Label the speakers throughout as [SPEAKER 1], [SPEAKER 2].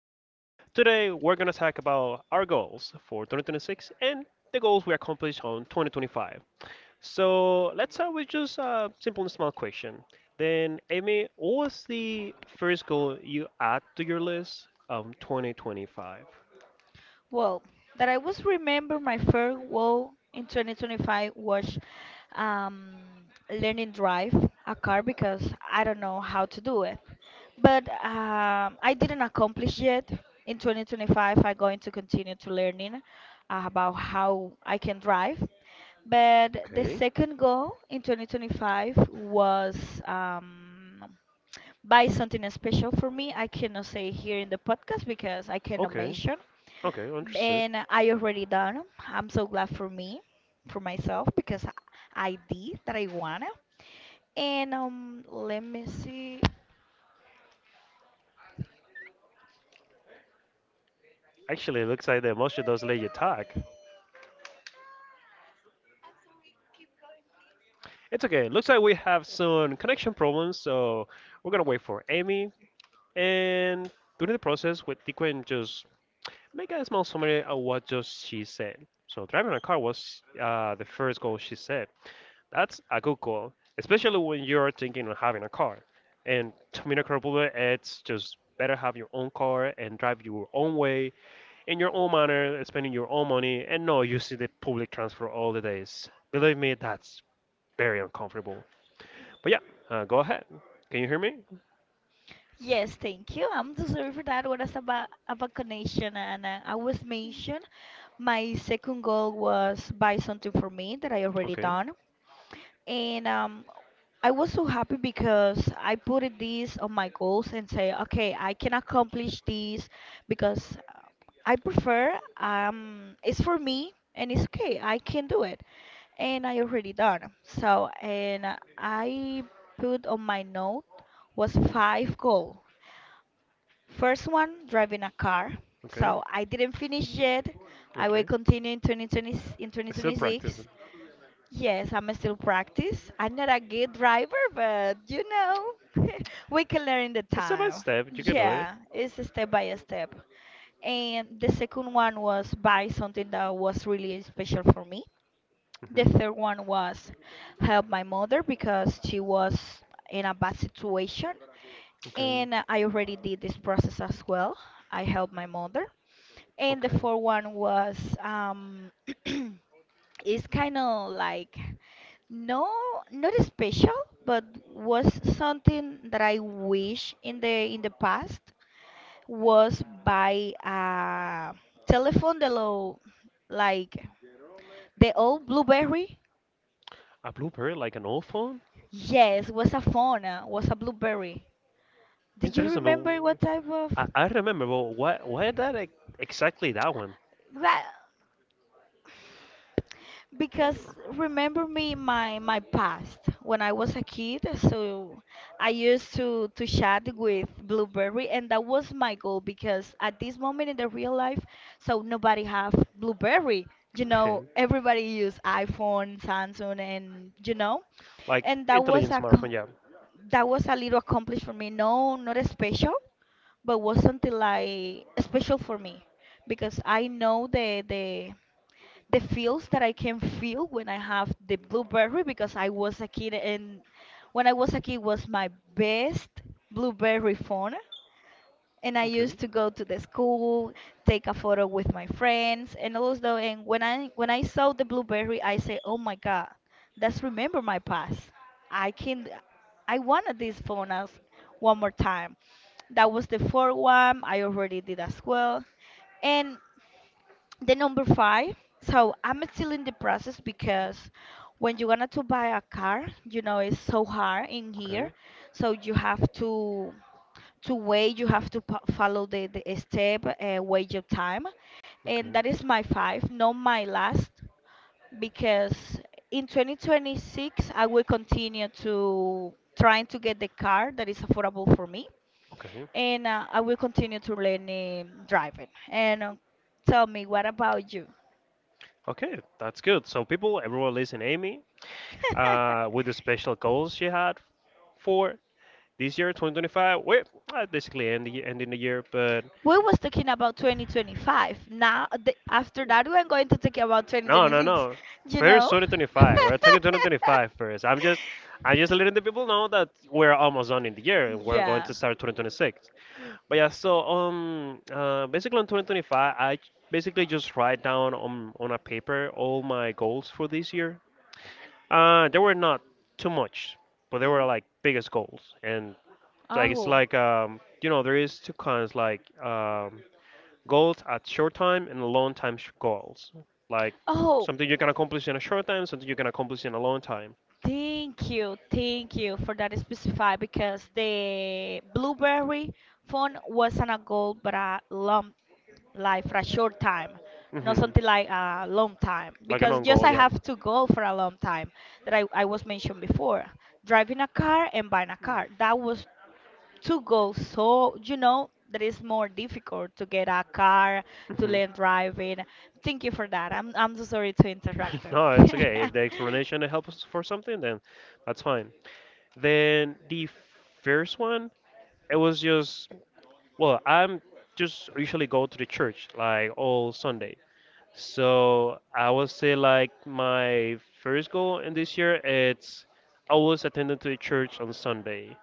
[SPEAKER 1] call. Today, we're going to talk about our goals for 2026 and the goals we accomplished on 2025. So, let's start with just a simple and small question. Then, Amy, what was the first goal you add to your list of 2025?
[SPEAKER 2] Well, that I was remember my farewell in 2025 was um, learning drive a car because I don't know how to do it. But I didn't accomplish yet. In 2025, I'm going to continue to learning about how I can drive. But the
[SPEAKER 1] Okay,
[SPEAKER 2] second goal in 2025 was um, buy something special for me. I cannot say here in the podcast because I cannot
[SPEAKER 1] okay,
[SPEAKER 2] measure
[SPEAKER 1] okay, understood.
[SPEAKER 2] and I already done. I'm so glad for me, for myself, because I did that I wanna. And let me see.
[SPEAKER 1] Actually, it looks like the emotion does let you talk. It's okay. Looks like we have some connection problems, so we're gonna wait for Amy. And during the process, with Tiquen just make a small summary of what just she said. So driving a car was the first goal she said. That's a good goal, especially when you're thinking of having a car. And to me, the it's just better have your own car and drive your own way in your own manner, spending your own money, and no, using the public transport all the days. Believe me, that's very uncomfortable. But yeah, go ahead. Can you hear me?
[SPEAKER 2] Yes, thank you. I'm so sorry for that. What is about a vaccination? And I was mentioned. My second goal was buy something for me that I already
[SPEAKER 1] Okay,
[SPEAKER 2] done. And I was so happy because I put it these on my goals and say, okay, I can accomplish this because I prefer it's for me and it's okay. I can do it. And I already done. So, and I put on my note was five goal. First one, driving a car.
[SPEAKER 1] okay,
[SPEAKER 2] So I didn't finish yet. I will
[SPEAKER 1] okay.
[SPEAKER 2] continue in 2020 in
[SPEAKER 1] You're still
[SPEAKER 2] 2026.
[SPEAKER 1] practicing.
[SPEAKER 2] Yes, I'm still practice. I'm not a good driver, but you know, we can learn in the
[SPEAKER 1] Step by
[SPEAKER 2] time.
[SPEAKER 1] step, you can do it.
[SPEAKER 2] Yeah, it's a step by a step. And the second one was buy something that was really special for me. The
[SPEAKER 1] Hmm.
[SPEAKER 2] third one was help my mother because she was in a bad situation.
[SPEAKER 1] Okay.
[SPEAKER 2] And I already did this process as well. I helped my mother. And the
[SPEAKER 1] Okay.
[SPEAKER 2] fourth one was it's kind of like no, not special, but was something that I wish in the past was by a telephone the low like the old BlueBerry.
[SPEAKER 1] A BlueBerry, like an old phone?
[SPEAKER 2] Yes, was a phone, was a BlueBerry. Did you
[SPEAKER 1] Interesting, but
[SPEAKER 2] remember what type
[SPEAKER 1] I,
[SPEAKER 2] of
[SPEAKER 1] I remember, but exactly that one?
[SPEAKER 2] that? Because remember me my past when I was a kid, so I used to chat with Blueberry, and that was my goal because at this moment in the real life, so nobody have Blueberry. You know,
[SPEAKER 1] Okay.
[SPEAKER 2] everybody use iPhone, Samsung, and you know,
[SPEAKER 1] Like,
[SPEAKER 2] and
[SPEAKER 1] intelligent smartphone, yeah.
[SPEAKER 2] that was a little accomplished for me. No, not special, but was something like special for me because I know the feels that I can feel when I have the blueberry because I was a kid and when I was a kid was my best blueberry phone and I
[SPEAKER 1] Okay.
[SPEAKER 2] used to go to the school, take a photo with my friends and also and when I saw the blueberry I say, oh my god, that's remember my past. I can I wanted this phone as one more time. That was the fourth one I already did as well. And the number five. So I'm still in the process because when you wanted to buy a car, you know it's so hard in
[SPEAKER 1] Okay.
[SPEAKER 2] here. So you have to wait. You have to follow the step, wait your time, and
[SPEAKER 1] Okay.
[SPEAKER 2] that is my five, not my last, because in 2026 I will continue to trying to get the car that is affordable for me,
[SPEAKER 1] Okay.
[SPEAKER 2] and I will continue to learn driving. And tell me, what about you?
[SPEAKER 1] Okay, that's good. So people, everyone listen, Amy, with the special goals she had for this year, 2025. We're basically end ending the year, but
[SPEAKER 2] We was talking about 2025. Now the, after that we're going to talk about
[SPEAKER 1] no, no,
[SPEAKER 2] 2026,
[SPEAKER 1] no.
[SPEAKER 2] you
[SPEAKER 1] First,
[SPEAKER 2] know.
[SPEAKER 1] 2025. We're talking 2025 first. I'm just letting the people know that we're almost done in the year and we're going
[SPEAKER 2] Yeah.
[SPEAKER 1] to start 2026. But yeah, so basically on 2025, I basically just write down on a paper all my goals for this year. There were not too much, but there were like biggest goals, and like it's
[SPEAKER 2] Oh,
[SPEAKER 1] like you know, there is two kinds like goals at short time and long time goals. Like
[SPEAKER 2] oh,
[SPEAKER 1] something you can accomplish in a short time, something you can accomplish in a long time.
[SPEAKER 2] thank you, thank you for that specify because the blueberry phone wasn't a goal but a lump like for a short time, not
[SPEAKER 1] hmm
[SPEAKER 2] something like a long time
[SPEAKER 1] Like a
[SPEAKER 2] because
[SPEAKER 1] long
[SPEAKER 2] just
[SPEAKER 1] goal,
[SPEAKER 2] I
[SPEAKER 1] yeah.
[SPEAKER 2] have to go for a long time that I was mentioned before driving a car and buying a car, that was two goals, so you know that is more difficult to get a car to
[SPEAKER 1] hmm
[SPEAKER 2] learn driving. Thank you for that. I'm so sorry to interrupt
[SPEAKER 1] No,
[SPEAKER 2] you.
[SPEAKER 1] it's okay. If the explanation helps for something, then that's fine. Then the first one, it was just well, I'm just usually go to the church like all Sunday. So I would say like my first goal in this year it's I was attending to the church on Sunday,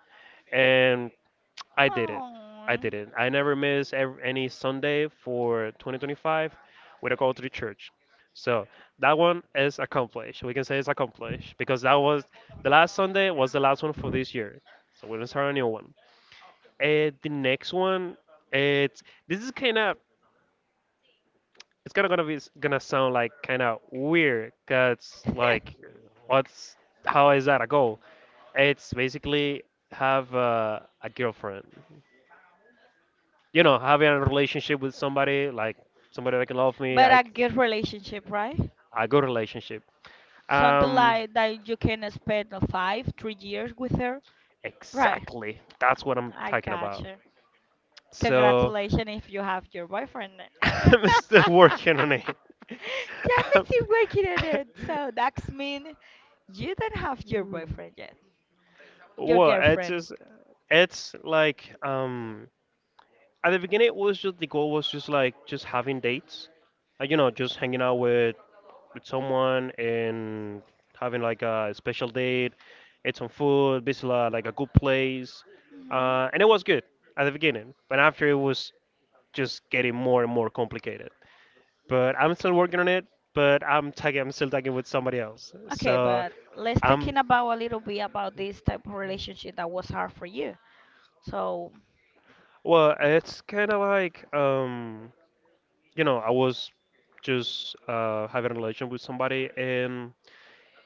[SPEAKER 1] and I did it. I
[SPEAKER 2] Oh.
[SPEAKER 1] did it. I never miss any Sunday for 2025 with a call to the church. So that one is accomplished. We can say it's accomplished because that was the last Sunday was the last one for this year. So we're gonna start a new one. And the next one, it's this is kind of it's kind of gonna be gonna sound like kind of weird because like what's how is that a goal, it's basically have a girlfriend, you know, having a relationship with somebody like somebody that can love me
[SPEAKER 2] But a
[SPEAKER 1] like
[SPEAKER 2] good relationship, right?
[SPEAKER 1] a good relationship,
[SPEAKER 2] Something
[SPEAKER 1] um,
[SPEAKER 2] like that you can spend 5 3 years with her. Right.
[SPEAKER 1] exactly that's what I'm
[SPEAKER 2] I
[SPEAKER 1] talking about,
[SPEAKER 2] gotcha.
[SPEAKER 1] so
[SPEAKER 2] Congratulations if you have your boyfriend then.
[SPEAKER 1] I'm still working on it.
[SPEAKER 2] Yeah, I'm still working on it. So that means you don't have your boyfriend yet. Your
[SPEAKER 1] Well, it's
[SPEAKER 2] girlfriend.
[SPEAKER 1] just it's like um, at the beginning it was just the goal was just like just having dates, you know, just hanging out with someone and having like a special date, eat some food, visit like a good place.
[SPEAKER 2] Hmm.
[SPEAKER 1] Uh, and it was good at the beginning, but after it was just getting more and more complicated, but I'm still working on it. But I'm still tagging with somebody else,
[SPEAKER 2] Okay,
[SPEAKER 1] so
[SPEAKER 2] but let's
[SPEAKER 1] I'm
[SPEAKER 2] talking about a little bit about this type of relationship that was hard for you. So
[SPEAKER 1] well it's kind of like um, you know, I was just having a relation with somebody and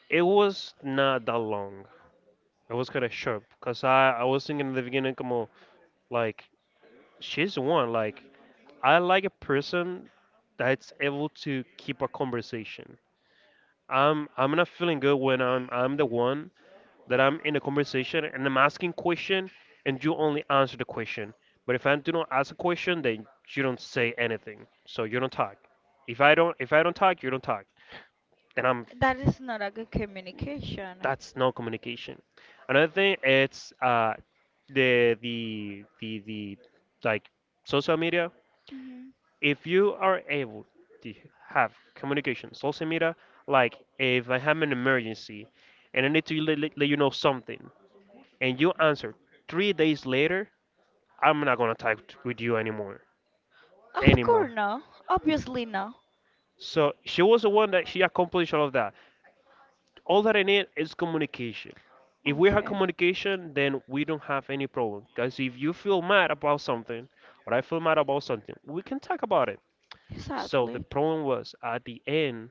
[SPEAKER 1] it was not that long. It was kind of short because I was thinking in the beginning, come on, like she's the one. Like I like a person that's able to keep a conversation. I'm not feeling good when I'm the one that I'm in a conversation and I'm asking question, and you only answer the question. But if I do not ask a question, then you don't say anything. So you don't talk. If I don't talk, you don't talk. Then I'm
[SPEAKER 2] that is not a good communication.
[SPEAKER 1] that's no communication. Another thing it's the like social media.
[SPEAKER 2] Hmm.
[SPEAKER 1] If you are able to have communication, social media, like if I have an emergency and I need to let you know something, and you answer 3 days later, I'm not gonna talk with you anymore,
[SPEAKER 2] Of
[SPEAKER 1] anymore.
[SPEAKER 2] course no. Obviously no.
[SPEAKER 1] So she was the one that she accomplished all of that. All that I need is communication. If we have
[SPEAKER 2] Okay.
[SPEAKER 1] communication, then we don't have any problem. Because if you feel mad about something, or I feel mad about something, we can talk about it. So the
[SPEAKER 2] Exactly.
[SPEAKER 1] problem was at the end,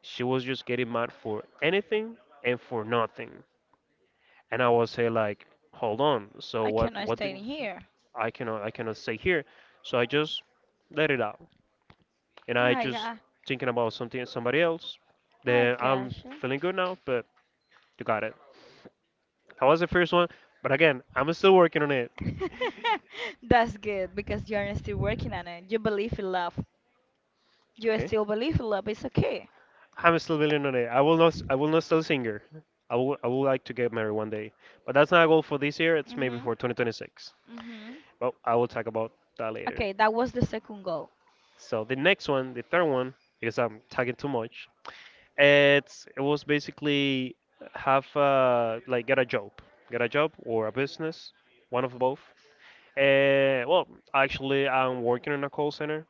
[SPEAKER 1] she was just getting mad for anything and for nothing. And I was say like, hold on. So
[SPEAKER 2] I
[SPEAKER 1] what?
[SPEAKER 2] cannot
[SPEAKER 1] What
[SPEAKER 2] stay in
[SPEAKER 1] did
[SPEAKER 2] here.
[SPEAKER 1] I cannot? I cannot say here. So I just let it out, and I
[SPEAKER 2] I
[SPEAKER 1] just
[SPEAKER 2] got
[SPEAKER 1] thinking about something somebody else.
[SPEAKER 2] I
[SPEAKER 1] Then I'm
[SPEAKER 2] gotcha.
[SPEAKER 1] feeling good now, but you got it. That was the first one. But again, I'm still working on it.
[SPEAKER 2] That's good because you're still working on it. You believe in love. You
[SPEAKER 1] Okay.
[SPEAKER 2] still believe in love. It's okay.
[SPEAKER 1] I'm still building on it. I will not. I will not still singer. I will. I would like to get married one day. But that's not a goal for this year. It's maybe
[SPEAKER 2] Mhm.
[SPEAKER 1] for 2026.
[SPEAKER 2] Mhm.
[SPEAKER 1] But I will talk about that later.
[SPEAKER 2] Okay, that was the second goal.
[SPEAKER 1] So the next one, the third one, because I'm talking too much. It was basically have like get a job or a business, one of both. Well, actually, I'm working in a call center.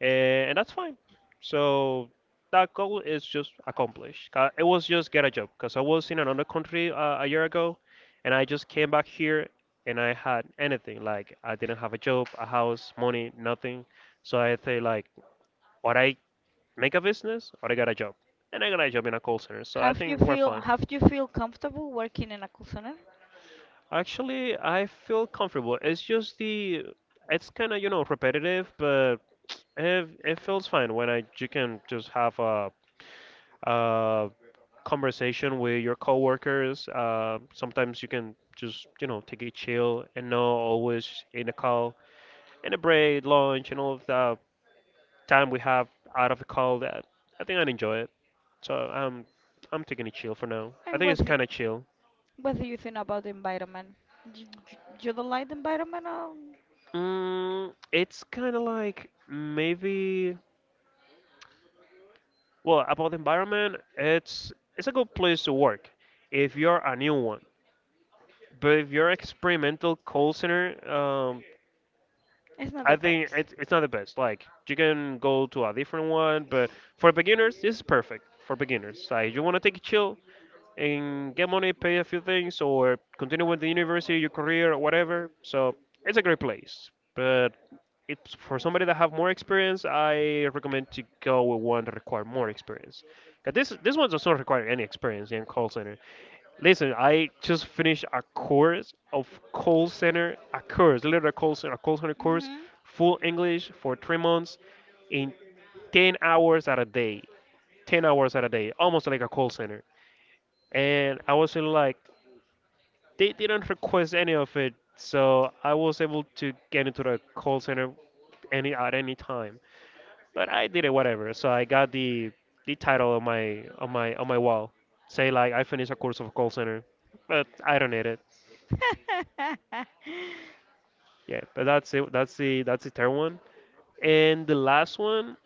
[SPEAKER 1] And that's fine. So that goal is just accomplished. It was just get a job because I was in another country a year ago, and I just came back here and I had anything. Like I didn't have a job, a house, money, nothing. So I say like, or I make a business or I get a job, and I got a job in a call center. So I
[SPEAKER 2] Have you
[SPEAKER 1] think we're
[SPEAKER 2] feel
[SPEAKER 1] fine.
[SPEAKER 2] have you feel comfortable working in a call center?
[SPEAKER 1] Actually, I feel comfortable. It's just it's kind of you know repetitive, but it feels fine when I you can just have a uh, conversation with your coworkers. Sometimes you can just, you know, take a chill and not always in a call, in a break, lunch, and all of the time we have out of a call. That I think I'd enjoy it. So I'm, I'm taking a chill for now. I
[SPEAKER 2] And
[SPEAKER 1] think
[SPEAKER 2] what?
[SPEAKER 1] it's kind of chill.
[SPEAKER 2] What do you think about the environment? You, you don't like the environment? Or
[SPEAKER 1] Mm, it's kind of like maybe. Well, about the environment, it's a good place to work if you're a new one. But if you're experimental call center,
[SPEAKER 2] it's not the
[SPEAKER 1] I think
[SPEAKER 2] best.
[SPEAKER 1] it's not the best. Like you can go to a different one, but for beginners, this is perfect for beginners. Like you want to take it chill and get money, pay a few things, or continue with the university, your career, or whatever. So it's a great place. But it's for somebody that have more experience. I recommend to go with one that require more experience. 'Cause this one does not require any experience in call center. Listen, I just finished a course of call center, a course, literally a call center course,
[SPEAKER 2] Hmm.
[SPEAKER 1] full English for 3 months in 10 hours at a day. 10 hours at a day, almost like a call center. And I was really like, they didn't request any of it, so I was able to get into the call center any at any time. But I did it whatever. So I got the title on my on my on my wall, say like I finished a course of call center, but I don't need it. Yeah, but that's it. That's the third one. And the last one,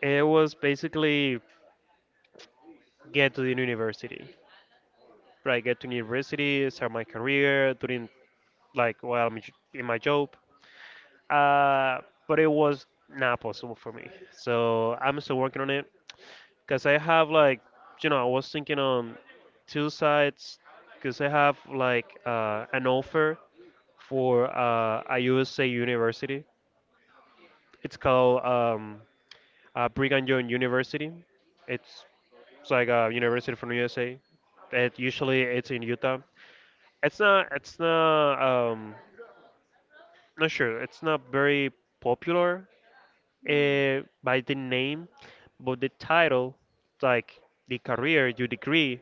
[SPEAKER 1] it was basically get to the university, right? Get to university, start my career, doing like while I'm in my job. Uh, but it was not possible for me. So I'm still working on it because I have like, you know, I was thinking on two sides because I have like an offer for a USA university. It's called Brigham Young University. It's, it's like a university from USA. It usually it's in Utah. It's not. It's not. Um, not sure. It's not very popular
[SPEAKER 2] Hmm.
[SPEAKER 1] by the name, but the title, like the career, your degree,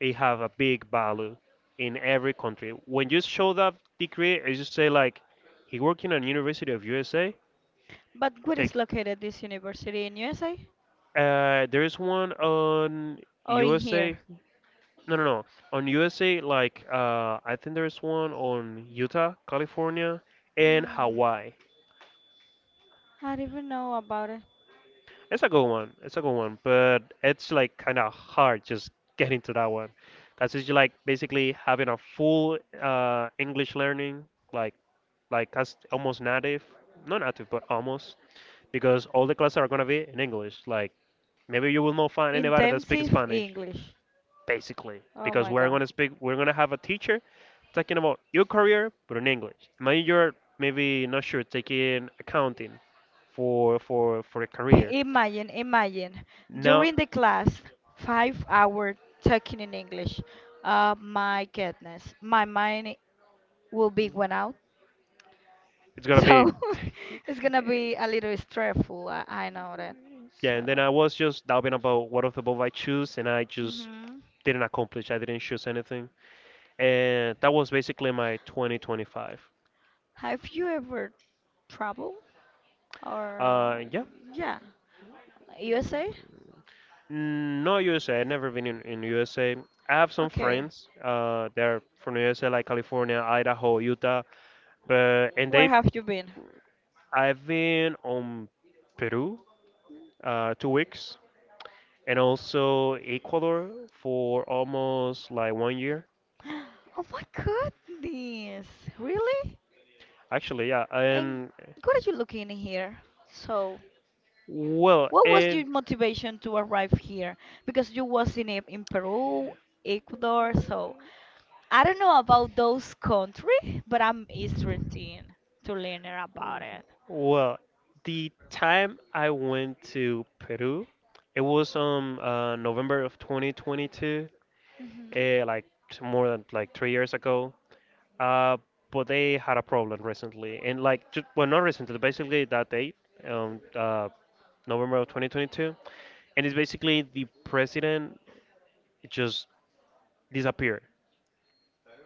[SPEAKER 1] it have a big value in every country. When you show that degree, as you say, like he worked in a University of USA.
[SPEAKER 2] But where is
[SPEAKER 1] Take.
[SPEAKER 2] located this university? In USA
[SPEAKER 1] There is one on
[SPEAKER 2] or in
[SPEAKER 1] USA.
[SPEAKER 2] here?
[SPEAKER 1] No, no, no. On USA, like I think there is one on Utah, California, and
[SPEAKER 2] Hmm.
[SPEAKER 1] Hawaii.
[SPEAKER 2] I don't even know about it.
[SPEAKER 1] It's a good one. It's a good one, but it's like kind of hard just getting to that one. That's just like basically having a full English learning, like like that's almost native, not native, but almost, because all the classes are gonna be in English. Like maybe you will not find anybody that speaks
[SPEAKER 2] Intensive
[SPEAKER 1] Spanish,
[SPEAKER 2] English.
[SPEAKER 1] basically,
[SPEAKER 2] Oh
[SPEAKER 1] because
[SPEAKER 2] my God.
[SPEAKER 1] we're gonna have a teacher talking about your career, but in English. Imagine you're maybe not sure taking accounting for a career.
[SPEAKER 2] Imagine, imagine.
[SPEAKER 1] Now
[SPEAKER 2] During the class, 5 hour talking in English. My goodness, my mind will be went out.
[SPEAKER 1] it's gonna be
[SPEAKER 2] So it's gonna be a little stressful. I know that.
[SPEAKER 1] yeah.
[SPEAKER 2] So,
[SPEAKER 1] And then I was just doubting about what of the both I choose, and I just
[SPEAKER 2] hmm,
[SPEAKER 1] didn't accomplish. I didn't choose anything, and that was basically my 2025.
[SPEAKER 2] have you ever traveled or
[SPEAKER 1] Yeah.
[SPEAKER 2] yeah, USA?
[SPEAKER 1] Mm, no USA. I've never been in USA. I have some
[SPEAKER 2] Okay,
[SPEAKER 1] friends. They're from USA, like California, Idaho, Utah, but and
[SPEAKER 2] where
[SPEAKER 1] they
[SPEAKER 2] have you been?
[SPEAKER 1] I've been on Peru 2 weeks and also Ecuador for almost like one year.
[SPEAKER 2] Oh my goodness, really?
[SPEAKER 1] Actually, yeah,
[SPEAKER 2] And
[SPEAKER 1] and
[SPEAKER 2] what are you looking here? So,
[SPEAKER 1] well,
[SPEAKER 2] what was
[SPEAKER 1] and
[SPEAKER 2] your motivation to arrive here? Because you was in Peru, Ecuador, so I don't know about those country, but I'm interested to learn about it.
[SPEAKER 1] well, the time I went to Peru, it was November of 2022,
[SPEAKER 2] Mhm.
[SPEAKER 1] like more than like 3 years ago. Uh, but they had a problem recently, and like just, well, not recently, basically that date, um, uh, November of 2022. And it's basically the president just disappeared.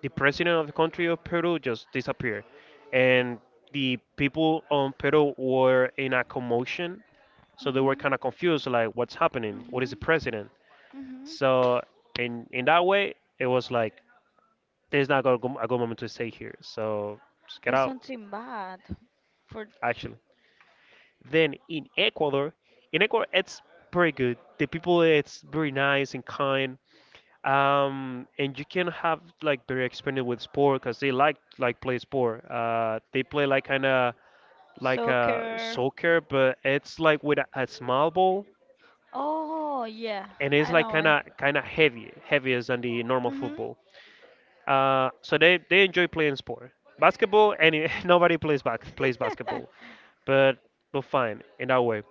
[SPEAKER 1] The president of the country of Peru just disappeared, and the people on Peru were in a commotion, so they were
[SPEAKER 2] Mhm.
[SPEAKER 1] kind of confused, like what's happening? What is the
[SPEAKER 2] Mhm.
[SPEAKER 1] president?
[SPEAKER 2] Mhm.
[SPEAKER 1] So in that way, it was like there's not a good moment to stay here, so just get
[SPEAKER 2] It's
[SPEAKER 1] out.
[SPEAKER 2] something bad for
[SPEAKER 1] Actually, then in Ecuador it's pretty good. The people it's very nice and kind, and you can have like very experimented with sport because they like play sport. They play like kind of like
[SPEAKER 2] soccer.
[SPEAKER 1] soccer, but it's like with a small ball,
[SPEAKER 2] Oh, yeah,
[SPEAKER 1] and it's
[SPEAKER 2] I
[SPEAKER 1] like
[SPEAKER 2] know
[SPEAKER 1] kind
[SPEAKER 2] it.
[SPEAKER 1] of kind of heavy, heavier than the normal
[SPEAKER 2] Hmm.
[SPEAKER 1] football. So they enjoy playing sport. Basketball, and nobody plays basketball. but but fine in that way.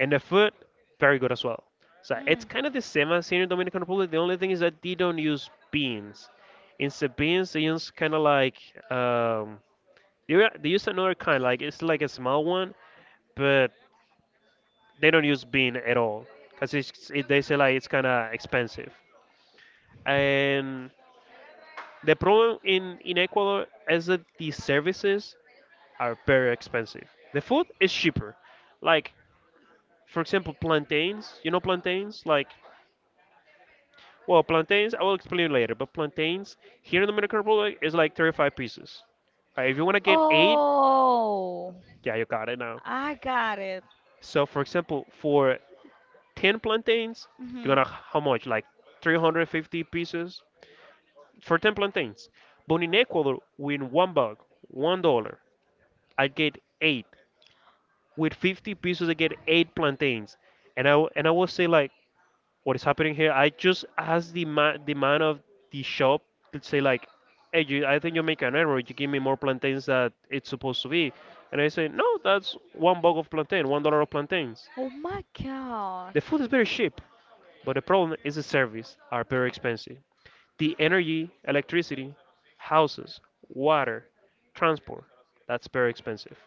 [SPEAKER 1] And the food, very good as well. So it's
[SPEAKER 2] Mm.
[SPEAKER 1] kind of the same as here in Dominican Republic. The only thing is that they don't use beans. Instead of beans, they use kind of like, um, they use another kind, like it's like a small one, but they don't use bean at all because they say like it's kind of expensive. And the problem in Ecuador is that the services are very expensive. The food is cheaper, like for example, plantains. You know plantains? Like, well, plantains, I will explain later, but plantains here in the Dominican Republic is like 35 pieces. Right? If you want to get eight,
[SPEAKER 2] Oh,
[SPEAKER 1] yeah, you got it now.
[SPEAKER 2] I got it.
[SPEAKER 1] So, for example, for 10 plantains, you're
[SPEAKER 2] Hmm.
[SPEAKER 1] going to, how much? Like 350 pieces for 10 plantains. But in Ecuador, with one buck, $1, I get eight. With 50 pieces, I get eight plantains. And I will say, like, what is happening here. I just asked the man of the shop to say like, hey, you, I think you make an error. You give me more plantains that it's supposed to be. And I say, no, that's one bag of plantain, $1 of plantains.
[SPEAKER 2] Oh my God.
[SPEAKER 1] The food is very cheap, but the problem is the service are very expensive. The energy, electricity, houses, water, transport, that's very expensive.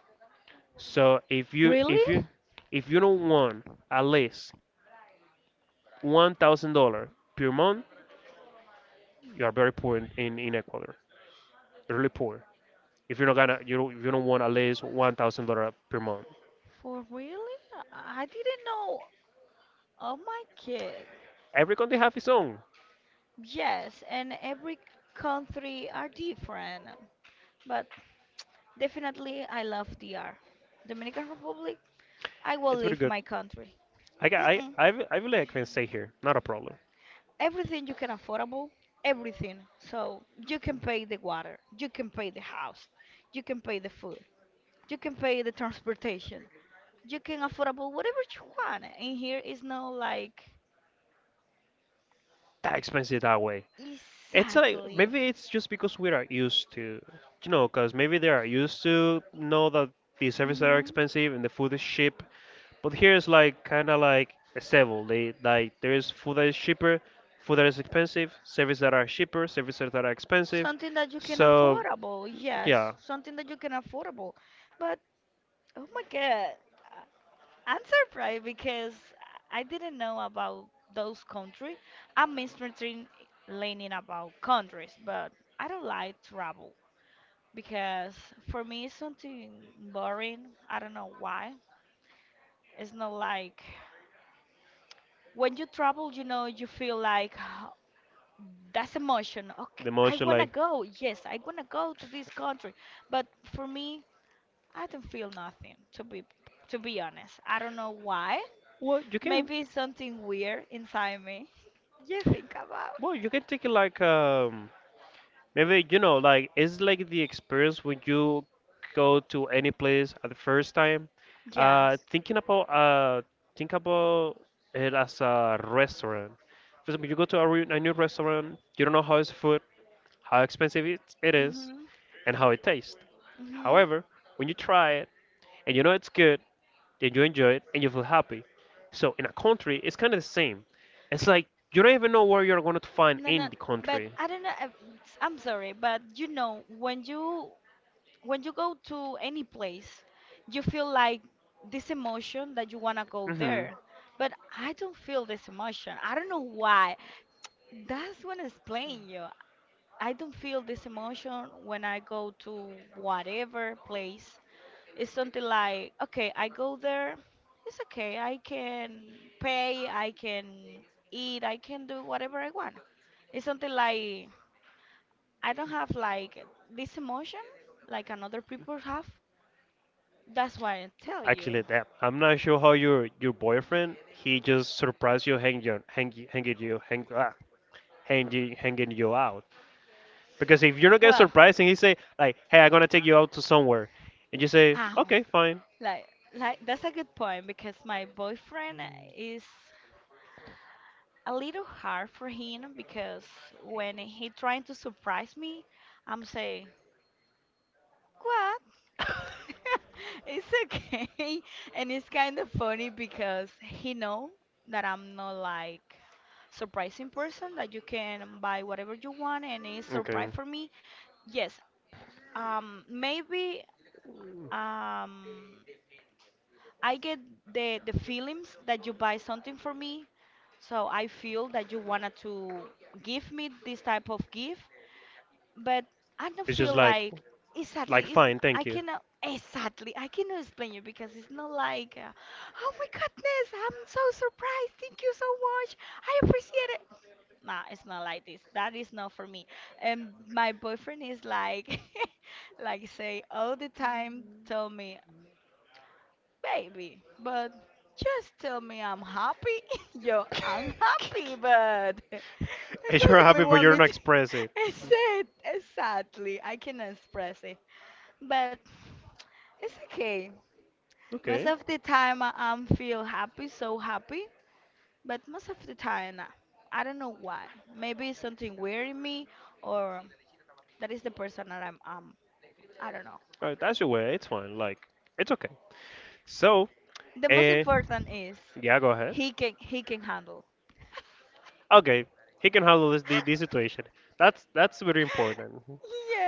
[SPEAKER 1] So
[SPEAKER 2] Really?
[SPEAKER 1] if you don't want at least $1,000 per month, you are very poor in Ecuador. You're really poor. If you're not gonna, you don't want at least $1,000 per month.
[SPEAKER 2] For really? I didn't know. Oh my God.
[SPEAKER 1] Every country have its own.
[SPEAKER 2] Yes, and every country are different, but definitely I love DR. Dominican Republic, I will
[SPEAKER 1] It's pretty
[SPEAKER 2] leave
[SPEAKER 1] good.
[SPEAKER 2] my country.
[SPEAKER 1] I got,
[SPEAKER 2] Mm-mm.
[SPEAKER 1] I, re- I really can stay here. Not a problem.
[SPEAKER 2] Everything you can affordable, everything. So you can pay the water, you can pay the house, you can pay the food, you can pay the transportation, you can affordable whatever you want. And here is no like
[SPEAKER 1] That expensive that way. It's like
[SPEAKER 2] exactly.
[SPEAKER 1] maybe it's just because we are used to, you know, because maybe they are used to know that the services are
[SPEAKER 2] Mm-hmm.
[SPEAKER 1] expensive and the food is cheap. But here is like kind of like a several. They like there is food that is cheaper, food that is expensive, services that are cheaper, services that are expensive.
[SPEAKER 2] Something that you can
[SPEAKER 1] So
[SPEAKER 2] affordable, yes.
[SPEAKER 1] yeah,
[SPEAKER 2] Something that you can affordable. But oh my God, I'm surprised because I didn't know about those countries. I'm misreading learning about countries, but I don't like travel because for me it's something boring. I don't know why. It's not like when you travel, you know, you feel like that's emotion. Okay,
[SPEAKER 1] the
[SPEAKER 2] I
[SPEAKER 1] most are
[SPEAKER 2] wanna
[SPEAKER 1] like
[SPEAKER 2] go. Yes, I wanna go to this country. But for me, I don't feel nothing. To be honest, I don't know why.
[SPEAKER 1] well you can
[SPEAKER 2] Maybe it's something weird inside me. You think about?
[SPEAKER 1] well you can take it like maybe you know like it's like the experience when you go to any place at the first time. Uh,
[SPEAKER 2] Yes.
[SPEAKER 1] thinking about uh think about it as a restaurant. For example, you go to a new restaurant, you don't know how is food how expensive it is,
[SPEAKER 2] Mhm.
[SPEAKER 1] and how it tastes.
[SPEAKER 2] Mhm.
[SPEAKER 1] However, when you try it and you know it's good, then you enjoy it and you feel happy. So in a country, it's kind of the same. It's like you don't even know where you're going to find
[SPEAKER 2] No,
[SPEAKER 1] in
[SPEAKER 2] no.
[SPEAKER 1] the
[SPEAKER 2] But
[SPEAKER 1] country.
[SPEAKER 2] I don't know. I'm sorry, but you know when you go to any place, you feel like this emotion that you want to go
[SPEAKER 1] hmm
[SPEAKER 2] there. But I don't feel this emotion. I don't know why. That's when I explain you. I don't feel this emotion when I go to whatever place. It's something like, okay, I go there. It's okay. I can pay. I can eat. I can do whatever I want. It's something like I don't have like this emotion like another people have. That's why I tell you.
[SPEAKER 1] Actually, that I'm not sure how your boyfriend he just surprised you, hang you, hang, you- hanging you, hang, ah, hanging, hanging you out. Because if you're not getting
[SPEAKER 2] Well,
[SPEAKER 1] surprised and he say like, "Hey, I'm gonna take you out to somewhere," and you say,
[SPEAKER 2] ow,
[SPEAKER 1] "Okay, fine."
[SPEAKER 2] like, like that's a good point because my boyfriend is a little hard for him because when he trying to surprise me, I'm saying what? It's okay, and it's kind of funny because he know that I'm not like surprising person that you can buy whatever you want and it's surprise
[SPEAKER 1] Okay.
[SPEAKER 2] for me. Yes, maybe
[SPEAKER 1] Mm.
[SPEAKER 2] um I get the feelings that you buy something for me, so I feel that you wanted to give me this type of gift, but I don't
[SPEAKER 1] It's just
[SPEAKER 2] feel like
[SPEAKER 1] like
[SPEAKER 2] exactly. It's,
[SPEAKER 1] fine,
[SPEAKER 2] I
[SPEAKER 1] thank you.
[SPEAKER 2] cannot exactly. I cannot explain you because it's not like, oh my goodness, I'm so surprised. Thank you so much. I appreciate it. Nah, it's not like this. That is not for me. And my boyfriend is like, like say all the time, tell me, baby, but just tell me I'm happy. Yo, I'm happy, but
[SPEAKER 1] And
[SPEAKER 2] what
[SPEAKER 1] you're
[SPEAKER 2] you may
[SPEAKER 1] happy, but
[SPEAKER 2] want
[SPEAKER 1] you're
[SPEAKER 2] me
[SPEAKER 1] not
[SPEAKER 2] to?
[SPEAKER 1] express it.
[SPEAKER 2] I said exactly. I can express it, but it's okay. Most
[SPEAKER 1] Okay.
[SPEAKER 2] of the time, I'm feel happy, so happy. But most of the time, nah. I don't know why. Maybe it's something weird in me, or that is the person that I'm. I don't know.
[SPEAKER 1] All right, that's your way. It's fine. Like, it's okay. So,
[SPEAKER 2] The most
[SPEAKER 1] eh,
[SPEAKER 2] important is
[SPEAKER 1] yeah, go ahead.
[SPEAKER 2] he can handle.
[SPEAKER 1] Okay, he can handle this the situation. That's very important.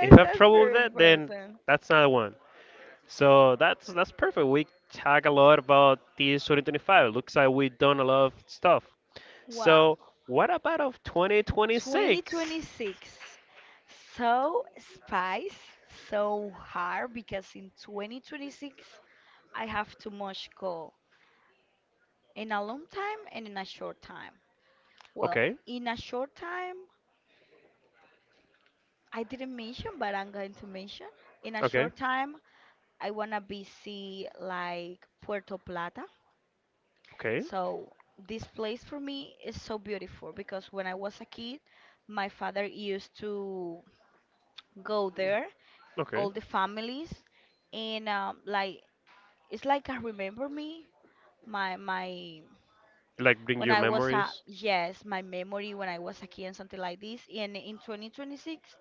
[SPEAKER 1] If you have
[SPEAKER 2] that's
[SPEAKER 1] trouble with
[SPEAKER 2] very
[SPEAKER 1] that, then
[SPEAKER 2] important.
[SPEAKER 1] that's not the one. So that's perfect. We talk a lot about this 2025. Looks like we've done a lot of stuff.
[SPEAKER 2] Wow.
[SPEAKER 1] So what about of 2026?
[SPEAKER 2] 2026. So spice, so hard because in 2026 I have too much goal in a long time and in a short time. Well,
[SPEAKER 1] Okay,
[SPEAKER 2] in a short time, I didn't mention, but I'm going to mention. In a
[SPEAKER 1] okay,
[SPEAKER 2] short time, I wanna visit like Puerto Plata.
[SPEAKER 1] okay,
[SPEAKER 2] So this place for me is so beautiful because when I was a kid, my father used to go there,
[SPEAKER 1] okay.
[SPEAKER 2] all the families, and like it's like I remember me, my
[SPEAKER 1] Like bring
[SPEAKER 2] when
[SPEAKER 1] your
[SPEAKER 2] I was a
[SPEAKER 1] memories.
[SPEAKER 2] yes, my memory when I was a kid and something like this. And in 2026,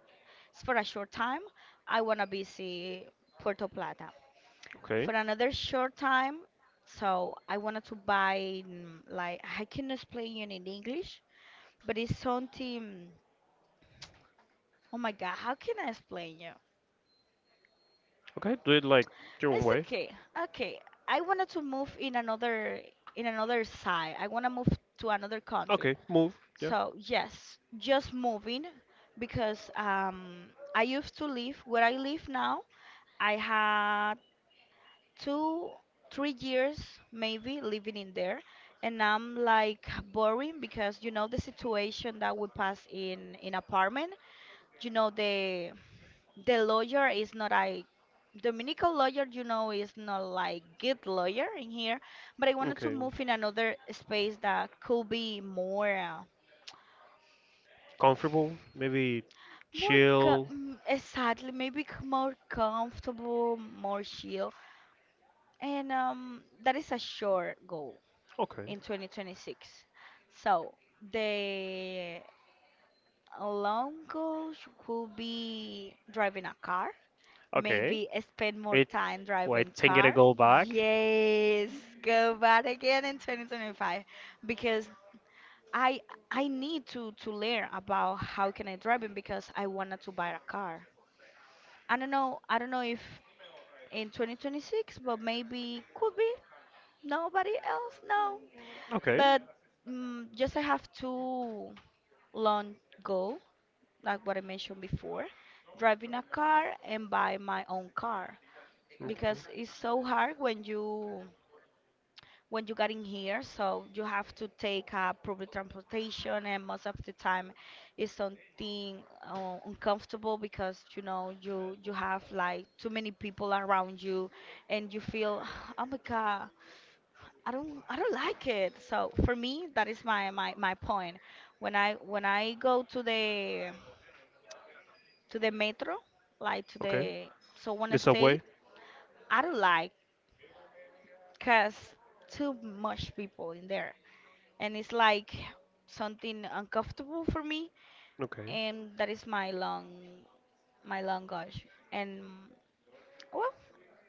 [SPEAKER 2] it's for a short time, I wanna visit Puerto Plata.
[SPEAKER 1] Okay,
[SPEAKER 2] For another short time, so I wanted to buy like I can explain you in English but it's something. Oh my God, how can I explain you?
[SPEAKER 1] okay. Do it like your own
[SPEAKER 2] It's
[SPEAKER 1] way.
[SPEAKER 2] okay. Okay, I wanted to move in another side. I want to move to another country.
[SPEAKER 1] Okay, move. Yeah.
[SPEAKER 2] So yes, just moving because I used to live where I live now. I had two, 3 years maybe living in there, and I'm like boring because you know the situation that we pass in apartment. You know the lawyer is not a Dominican lawyer, you know, is not like good lawyer in here, but I wanted to
[SPEAKER 1] Okay.
[SPEAKER 2] move in another space that could be more,
[SPEAKER 1] Comfortable. Maybe
[SPEAKER 2] more
[SPEAKER 1] chill.
[SPEAKER 2] exactly, maybe more comfortable, more chill, and that is a short goal
[SPEAKER 1] Okay.
[SPEAKER 2] in 2026. So the long goal could be driving a car.
[SPEAKER 1] Okay.
[SPEAKER 2] Maybe spend more
[SPEAKER 1] It.
[SPEAKER 2] time
[SPEAKER 1] Wait.
[SPEAKER 2] driving
[SPEAKER 1] Think it will
[SPEAKER 2] car.
[SPEAKER 1] go back.
[SPEAKER 2] Yes, go back again in 2025 because I I need to learn about how can I drive it because I wanted to buy a car. I don't know. I don't know if in 2026, but maybe could be. Nobody else, no.
[SPEAKER 1] Okay.
[SPEAKER 2] But just I have to long go like what I mentioned before, driving a car and buy my own car.
[SPEAKER 1] Okay.
[SPEAKER 2] Because it's so hard when you get in here, so you have to take public transportation, and most of the time it's something uncomfortable because you know you have like too many people around you and you feel oh my god, i don't like it. So for me that is my point when i go to the metro, like to
[SPEAKER 1] Okay.
[SPEAKER 2] the, so
[SPEAKER 1] The
[SPEAKER 2] one state.
[SPEAKER 1] subway.
[SPEAKER 2] I don't like cause too much people in there, and it's like something uncomfortable for me.
[SPEAKER 1] Okay.
[SPEAKER 2] And that is my long, my long gosh. And well,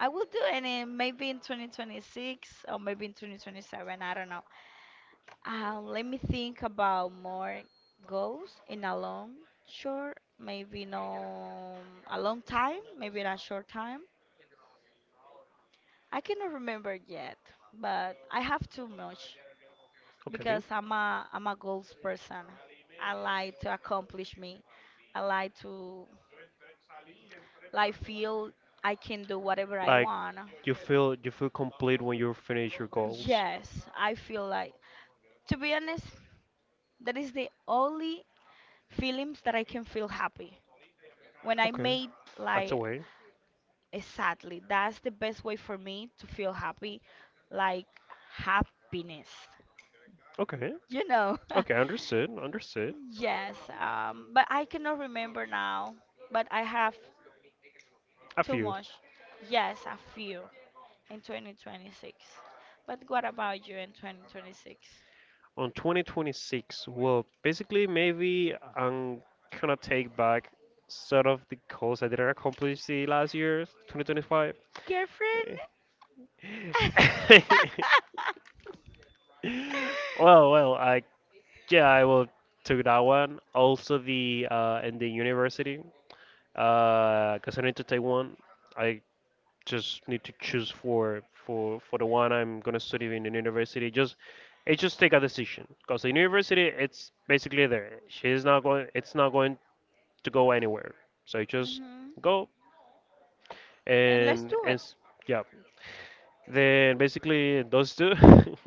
[SPEAKER 2] I will do it, and then maybe in 2026 or maybe in 2027, I don't know. Let me think about more goals in a long, short, maybe no, a long time, maybe in a short time. I cannot remember yet, but I have too much
[SPEAKER 1] Okay.
[SPEAKER 2] because I'm a goals person. I like to accomplish me. I like to like feel I can do whatever I
[SPEAKER 1] Like
[SPEAKER 2] want.
[SPEAKER 1] you feel complete when you finish your goals.
[SPEAKER 2] Yes, I feel like, to be honest, that is the only feelings that I can feel happy. When I
[SPEAKER 1] Okay.
[SPEAKER 2] made
[SPEAKER 1] That's a
[SPEAKER 2] like
[SPEAKER 1] way.
[SPEAKER 2] exactly, that's the best way for me to feel happy, like happiness.
[SPEAKER 1] Okay.
[SPEAKER 2] You know.
[SPEAKER 1] Okay, understood. Understood.
[SPEAKER 2] Yes, but I cannot remember now. But I have.
[SPEAKER 1] A
[SPEAKER 2] Too
[SPEAKER 1] few.
[SPEAKER 2] much. Yes, a few in 2026. But what about you in 2026?
[SPEAKER 1] On 2026, well, basically, maybe I'm gonna take back sort of the goals I didn't accomplish the last year, 2025.
[SPEAKER 2] Girlfriend?
[SPEAKER 1] Well, well, I yeah, I will took that one. Also the in the university, cause I need to take one. I just need to choose for the one I'm gonna study in the university. Just it just take a decision. Cause the university it's basically there. She's not going. It's not going to go anywhere. So you just
[SPEAKER 2] Mhm.
[SPEAKER 1] go
[SPEAKER 2] And let's
[SPEAKER 1] and
[SPEAKER 2] do
[SPEAKER 1] and
[SPEAKER 2] it.
[SPEAKER 1] s- yeah. Then basically those two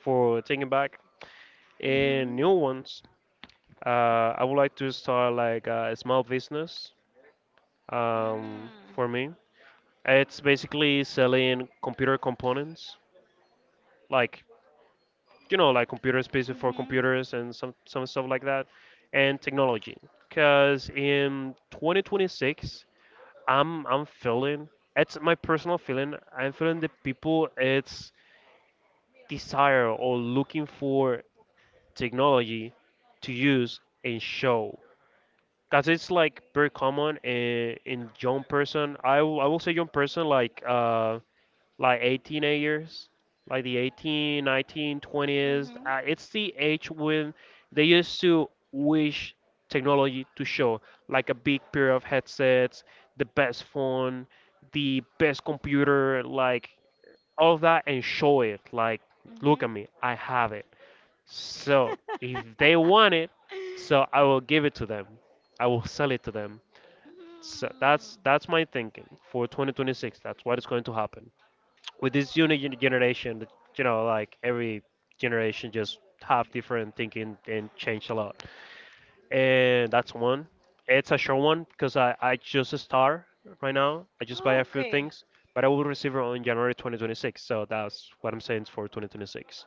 [SPEAKER 1] for taking back and
[SPEAKER 2] Mhm.
[SPEAKER 1] new ones. I would like to start like a small business.
[SPEAKER 2] Mm.
[SPEAKER 1] For me, it's basically selling computer components, like you know, like computer pieces for
[SPEAKER 2] Mhm.
[SPEAKER 1] computers and some stuff like that, and technology. Cause in 2026, I'm feeling it's my personal feeling. I'm feeling that people it's desire or looking for technology to use and show. Cause it's like very common in young person. I will say young person like like 18 years, like the 18, 19, twenties.
[SPEAKER 2] Mhm.
[SPEAKER 1] It's the age when they used to wish technology to show like a big pair of headsets, the best phone, the best computer, like all of that, and show it. Like,
[SPEAKER 2] Mhm.
[SPEAKER 1] look at me, I have it. So if they want it, so I will give it to them. I will sell it to them. So that's
[SPEAKER 2] Mm.
[SPEAKER 1] my thinking for 2026. That's what is going to happen with this generation. You know, like every generation just have different thinking and change a lot. And that's one. It's a short one because I just start right now. I just buy
[SPEAKER 2] Oh,
[SPEAKER 1] a few
[SPEAKER 2] okay.
[SPEAKER 1] things, but I will receive it on January 2026. So that's what I'm saying for 2026.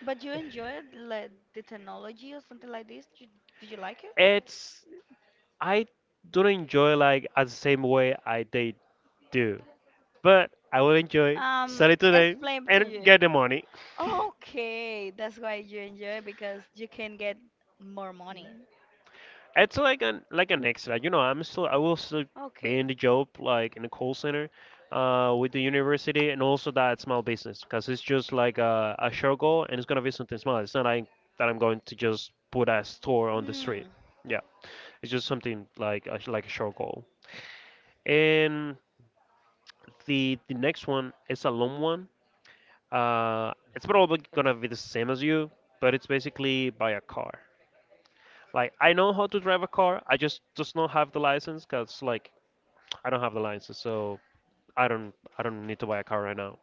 [SPEAKER 2] But you enjoyed like the technology or something like this? You, did you like it?
[SPEAKER 1] It's I don't enjoy like as the same way I they do, but I will enjoy
[SPEAKER 2] Um,
[SPEAKER 1] sell it to them
[SPEAKER 2] Explain to
[SPEAKER 1] and
[SPEAKER 2] you.
[SPEAKER 1] get the money.
[SPEAKER 2] Okay, that's why you enjoy, because you can get more money.
[SPEAKER 1] It's like an extra, you know. I will still be
[SPEAKER 2] Okay.
[SPEAKER 1] in the job like in the call center, with the university and also that small business because it's just like a short goal and it's gonna be something small. It's not like that I'm going to just put a store on the street.
[SPEAKER 2] Mm,
[SPEAKER 1] Yeah, it's just something like like a short goal. And the next one is a long one. It's probably gonna be the same as you, but it's basically buy a car. Like I know how to drive a car, I just not have the license because like I don't have the license, so I don't need to buy a car right now.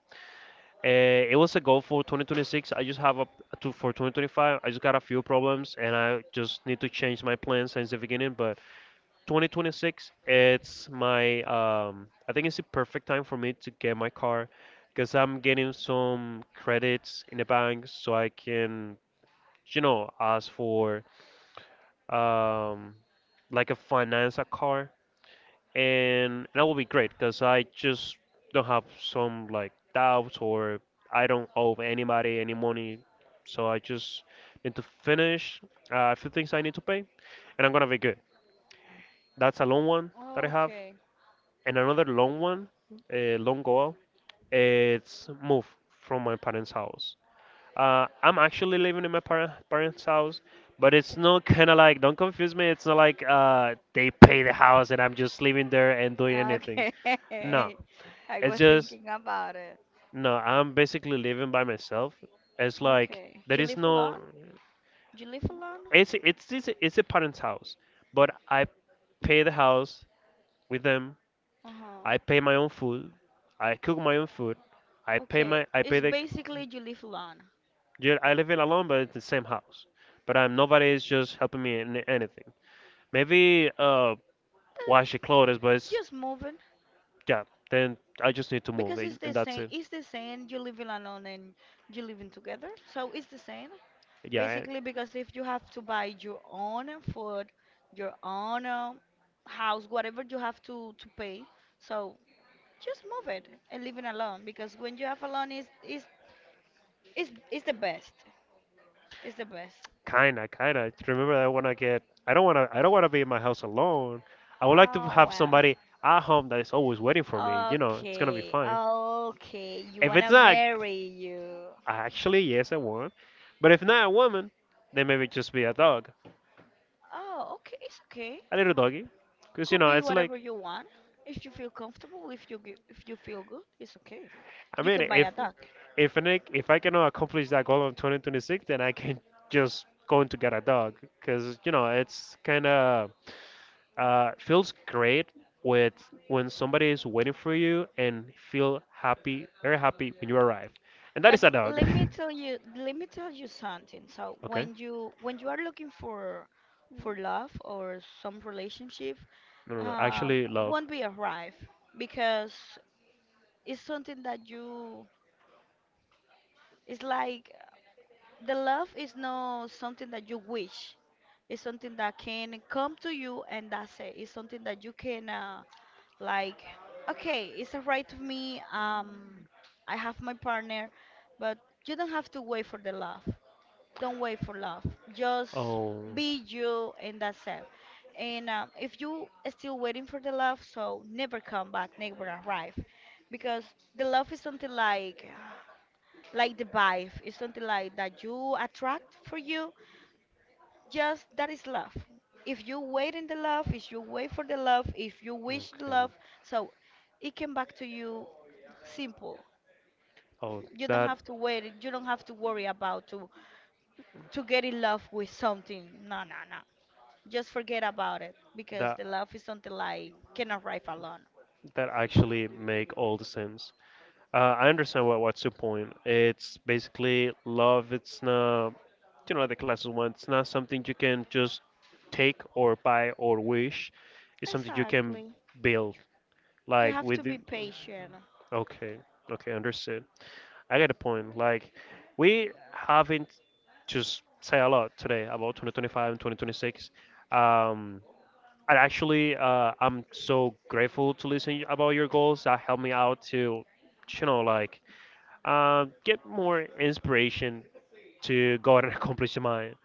[SPEAKER 1] It was a goal for 2026. I just have a to for 2025. I just got a few problems and I just need to change my plans since the beginning. But 2026, it's my I think it's the perfect time for me to get my car because I'm getting some credits in the bank so I can, you know, ask for um, like a finance a car, and that will be great because I just don't have some like doubts or I don't owe anybody any money. So I just need to finish a few things I need to pay, and I'm gonna be good. That's a long one that I have.
[SPEAKER 2] okay.
[SPEAKER 1] And another long one, a long goal, it's move from my parents' house. I'm actually living in my parents' house, but it's not kind of like, don't confuse me, it's not like they pay the house and I'm just living there and doing anything.
[SPEAKER 2] Okay.
[SPEAKER 1] No,
[SPEAKER 2] I
[SPEAKER 1] it's
[SPEAKER 2] was
[SPEAKER 1] just,
[SPEAKER 2] thinking about it.
[SPEAKER 1] no, I'm basically living by myself. It's like,
[SPEAKER 2] Okay.
[SPEAKER 1] there
[SPEAKER 2] You
[SPEAKER 1] is
[SPEAKER 2] live
[SPEAKER 1] no,
[SPEAKER 2] alone? You live alone?
[SPEAKER 1] it's a parent's house, but I pay the house with them.
[SPEAKER 2] Uh-huh.
[SPEAKER 1] I pay my own food. I cook my own food. I pay
[SPEAKER 2] Okay.
[SPEAKER 1] my I pay
[SPEAKER 2] It's
[SPEAKER 1] the,
[SPEAKER 2] basically you live alone.
[SPEAKER 1] yeah, I live in alone, but it's the same house. But I'm nobody is just helping me in anything. Maybe
[SPEAKER 2] Eh,
[SPEAKER 1] wash the clothes, but it's,
[SPEAKER 2] just moving.
[SPEAKER 1] yeah. Then I just need to move,
[SPEAKER 2] Because it's
[SPEAKER 1] and
[SPEAKER 2] the
[SPEAKER 1] and that's
[SPEAKER 2] same.
[SPEAKER 1] it.
[SPEAKER 2] It's the same. You living alone and you living together, so it's the same.
[SPEAKER 1] Yeah, I-
[SPEAKER 2] Basically, because if you have to buy your own food, your own house, whatever you have to pay, so just move it and living alone. Because when you have alone, is the best. It's the best.
[SPEAKER 1] kinda. Remember that I wanna get. I don't wanna. I don't wanna be in my house alone. I would like to
[SPEAKER 2] Oh
[SPEAKER 1] have
[SPEAKER 2] wow.
[SPEAKER 1] somebody at home that is always waiting for me. You know, it's gonna be
[SPEAKER 2] Okay,
[SPEAKER 1] fine.
[SPEAKER 2] okay. You
[SPEAKER 1] If it's
[SPEAKER 2] wanna
[SPEAKER 1] not—
[SPEAKER 2] marry you?
[SPEAKER 1] actually, yes, I want. But if not a woman, then maybe just be a dog,
[SPEAKER 2] Oh, okay. It's okay.
[SPEAKER 1] a little doggy, because you
[SPEAKER 2] Could
[SPEAKER 1] know
[SPEAKER 2] be
[SPEAKER 1] it's
[SPEAKER 2] whatever
[SPEAKER 1] like,
[SPEAKER 2] you want. If you feel comfortable, if you feel good, it's okay.
[SPEAKER 1] I
[SPEAKER 2] You
[SPEAKER 1] mean,
[SPEAKER 2] can buy
[SPEAKER 1] if
[SPEAKER 2] a duck.
[SPEAKER 1] if an, if I cannot accomplish that goal in 2026, then I can just go to get a dog, because you know it's kind of feels great with, when somebody is waiting for you and feel happy, very happy when you arrive, and that is
[SPEAKER 2] But
[SPEAKER 1] a dog.
[SPEAKER 2] let me tell you, let me tell you something. So
[SPEAKER 1] Okay,
[SPEAKER 2] when you are looking for love or some relationship,
[SPEAKER 1] no, no, no, actually love.
[SPEAKER 2] won't be arrive because it's something that you. It's like the love is not something that you wish. It's something that can come to you, and that's it. It's something that you can. Like, okay, it's all right to me. I have my partner, but you don't have to wait for the love. Don't wait for love. Just
[SPEAKER 1] Oh.
[SPEAKER 2] be you, and that's it. And if you are still waiting for the love, so never come back, never arrive, because the love is something like the vibe, it's something like that you attract for you. Just that is love. If you wait in the love, if you wait for the love, if you wish the
[SPEAKER 1] Okay.
[SPEAKER 2] love, so it came back to you. Simple.
[SPEAKER 1] Oh,
[SPEAKER 2] You don't
[SPEAKER 1] that
[SPEAKER 2] have to wait. You don't have to worry about to get in love with something. No, no, no. Just forget about it because
[SPEAKER 1] that
[SPEAKER 2] the love is something like can arrive alone.
[SPEAKER 1] that actually make all the sense. I understand what's your point. It's basically love. It's not, you know, the classes one. It's not something you can just take or buy or wish. It's something you can
[SPEAKER 2] Exactly.
[SPEAKER 1] build.
[SPEAKER 2] You
[SPEAKER 1] Like
[SPEAKER 2] have to
[SPEAKER 1] with
[SPEAKER 2] be
[SPEAKER 1] the,
[SPEAKER 2] patient.
[SPEAKER 1] okay, okay, understood. I get the point. Like, we haven't just say a lot today about 2025 and 2026. Um, and actually, I'm so grateful to listen about your goals. That helped me out to, you know, like get more inspiration to go out and accomplish mine.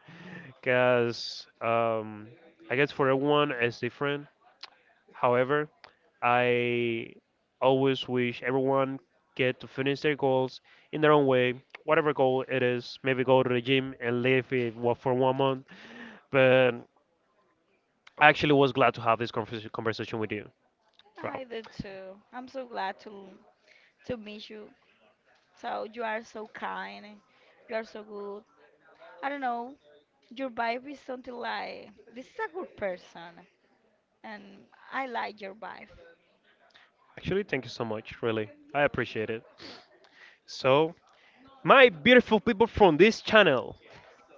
[SPEAKER 1] Because I guess for everyone it's different. However, I always wish everyone get to finish their goals in their own way, whatever goal it is. Maybe go to the gym and live it wa- for one month. But I actually was glad to have this conversation with you. Wow.
[SPEAKER 2] I do too. I'm so glad to meet you. So you are so kind. You are so good. I don't know. Your vibe is something like, this is a good person, and I like your vibe.
[SPEAKER 1] Actually, thank you so much. Really, I appreciate it. So, my beautiful people from this channel,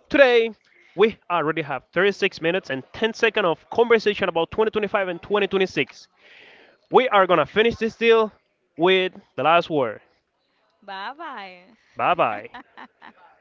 [SPEAKER 1] today we already have 36 minutes and 10 seconds of conversation about 2025 and 2026. We are going to finish this deal with the last word.
[SPEAKER 2] Bye
[SPEAKER 1] Bye
[SPEAKER 2] bye.
[SPEAKER 1] bye.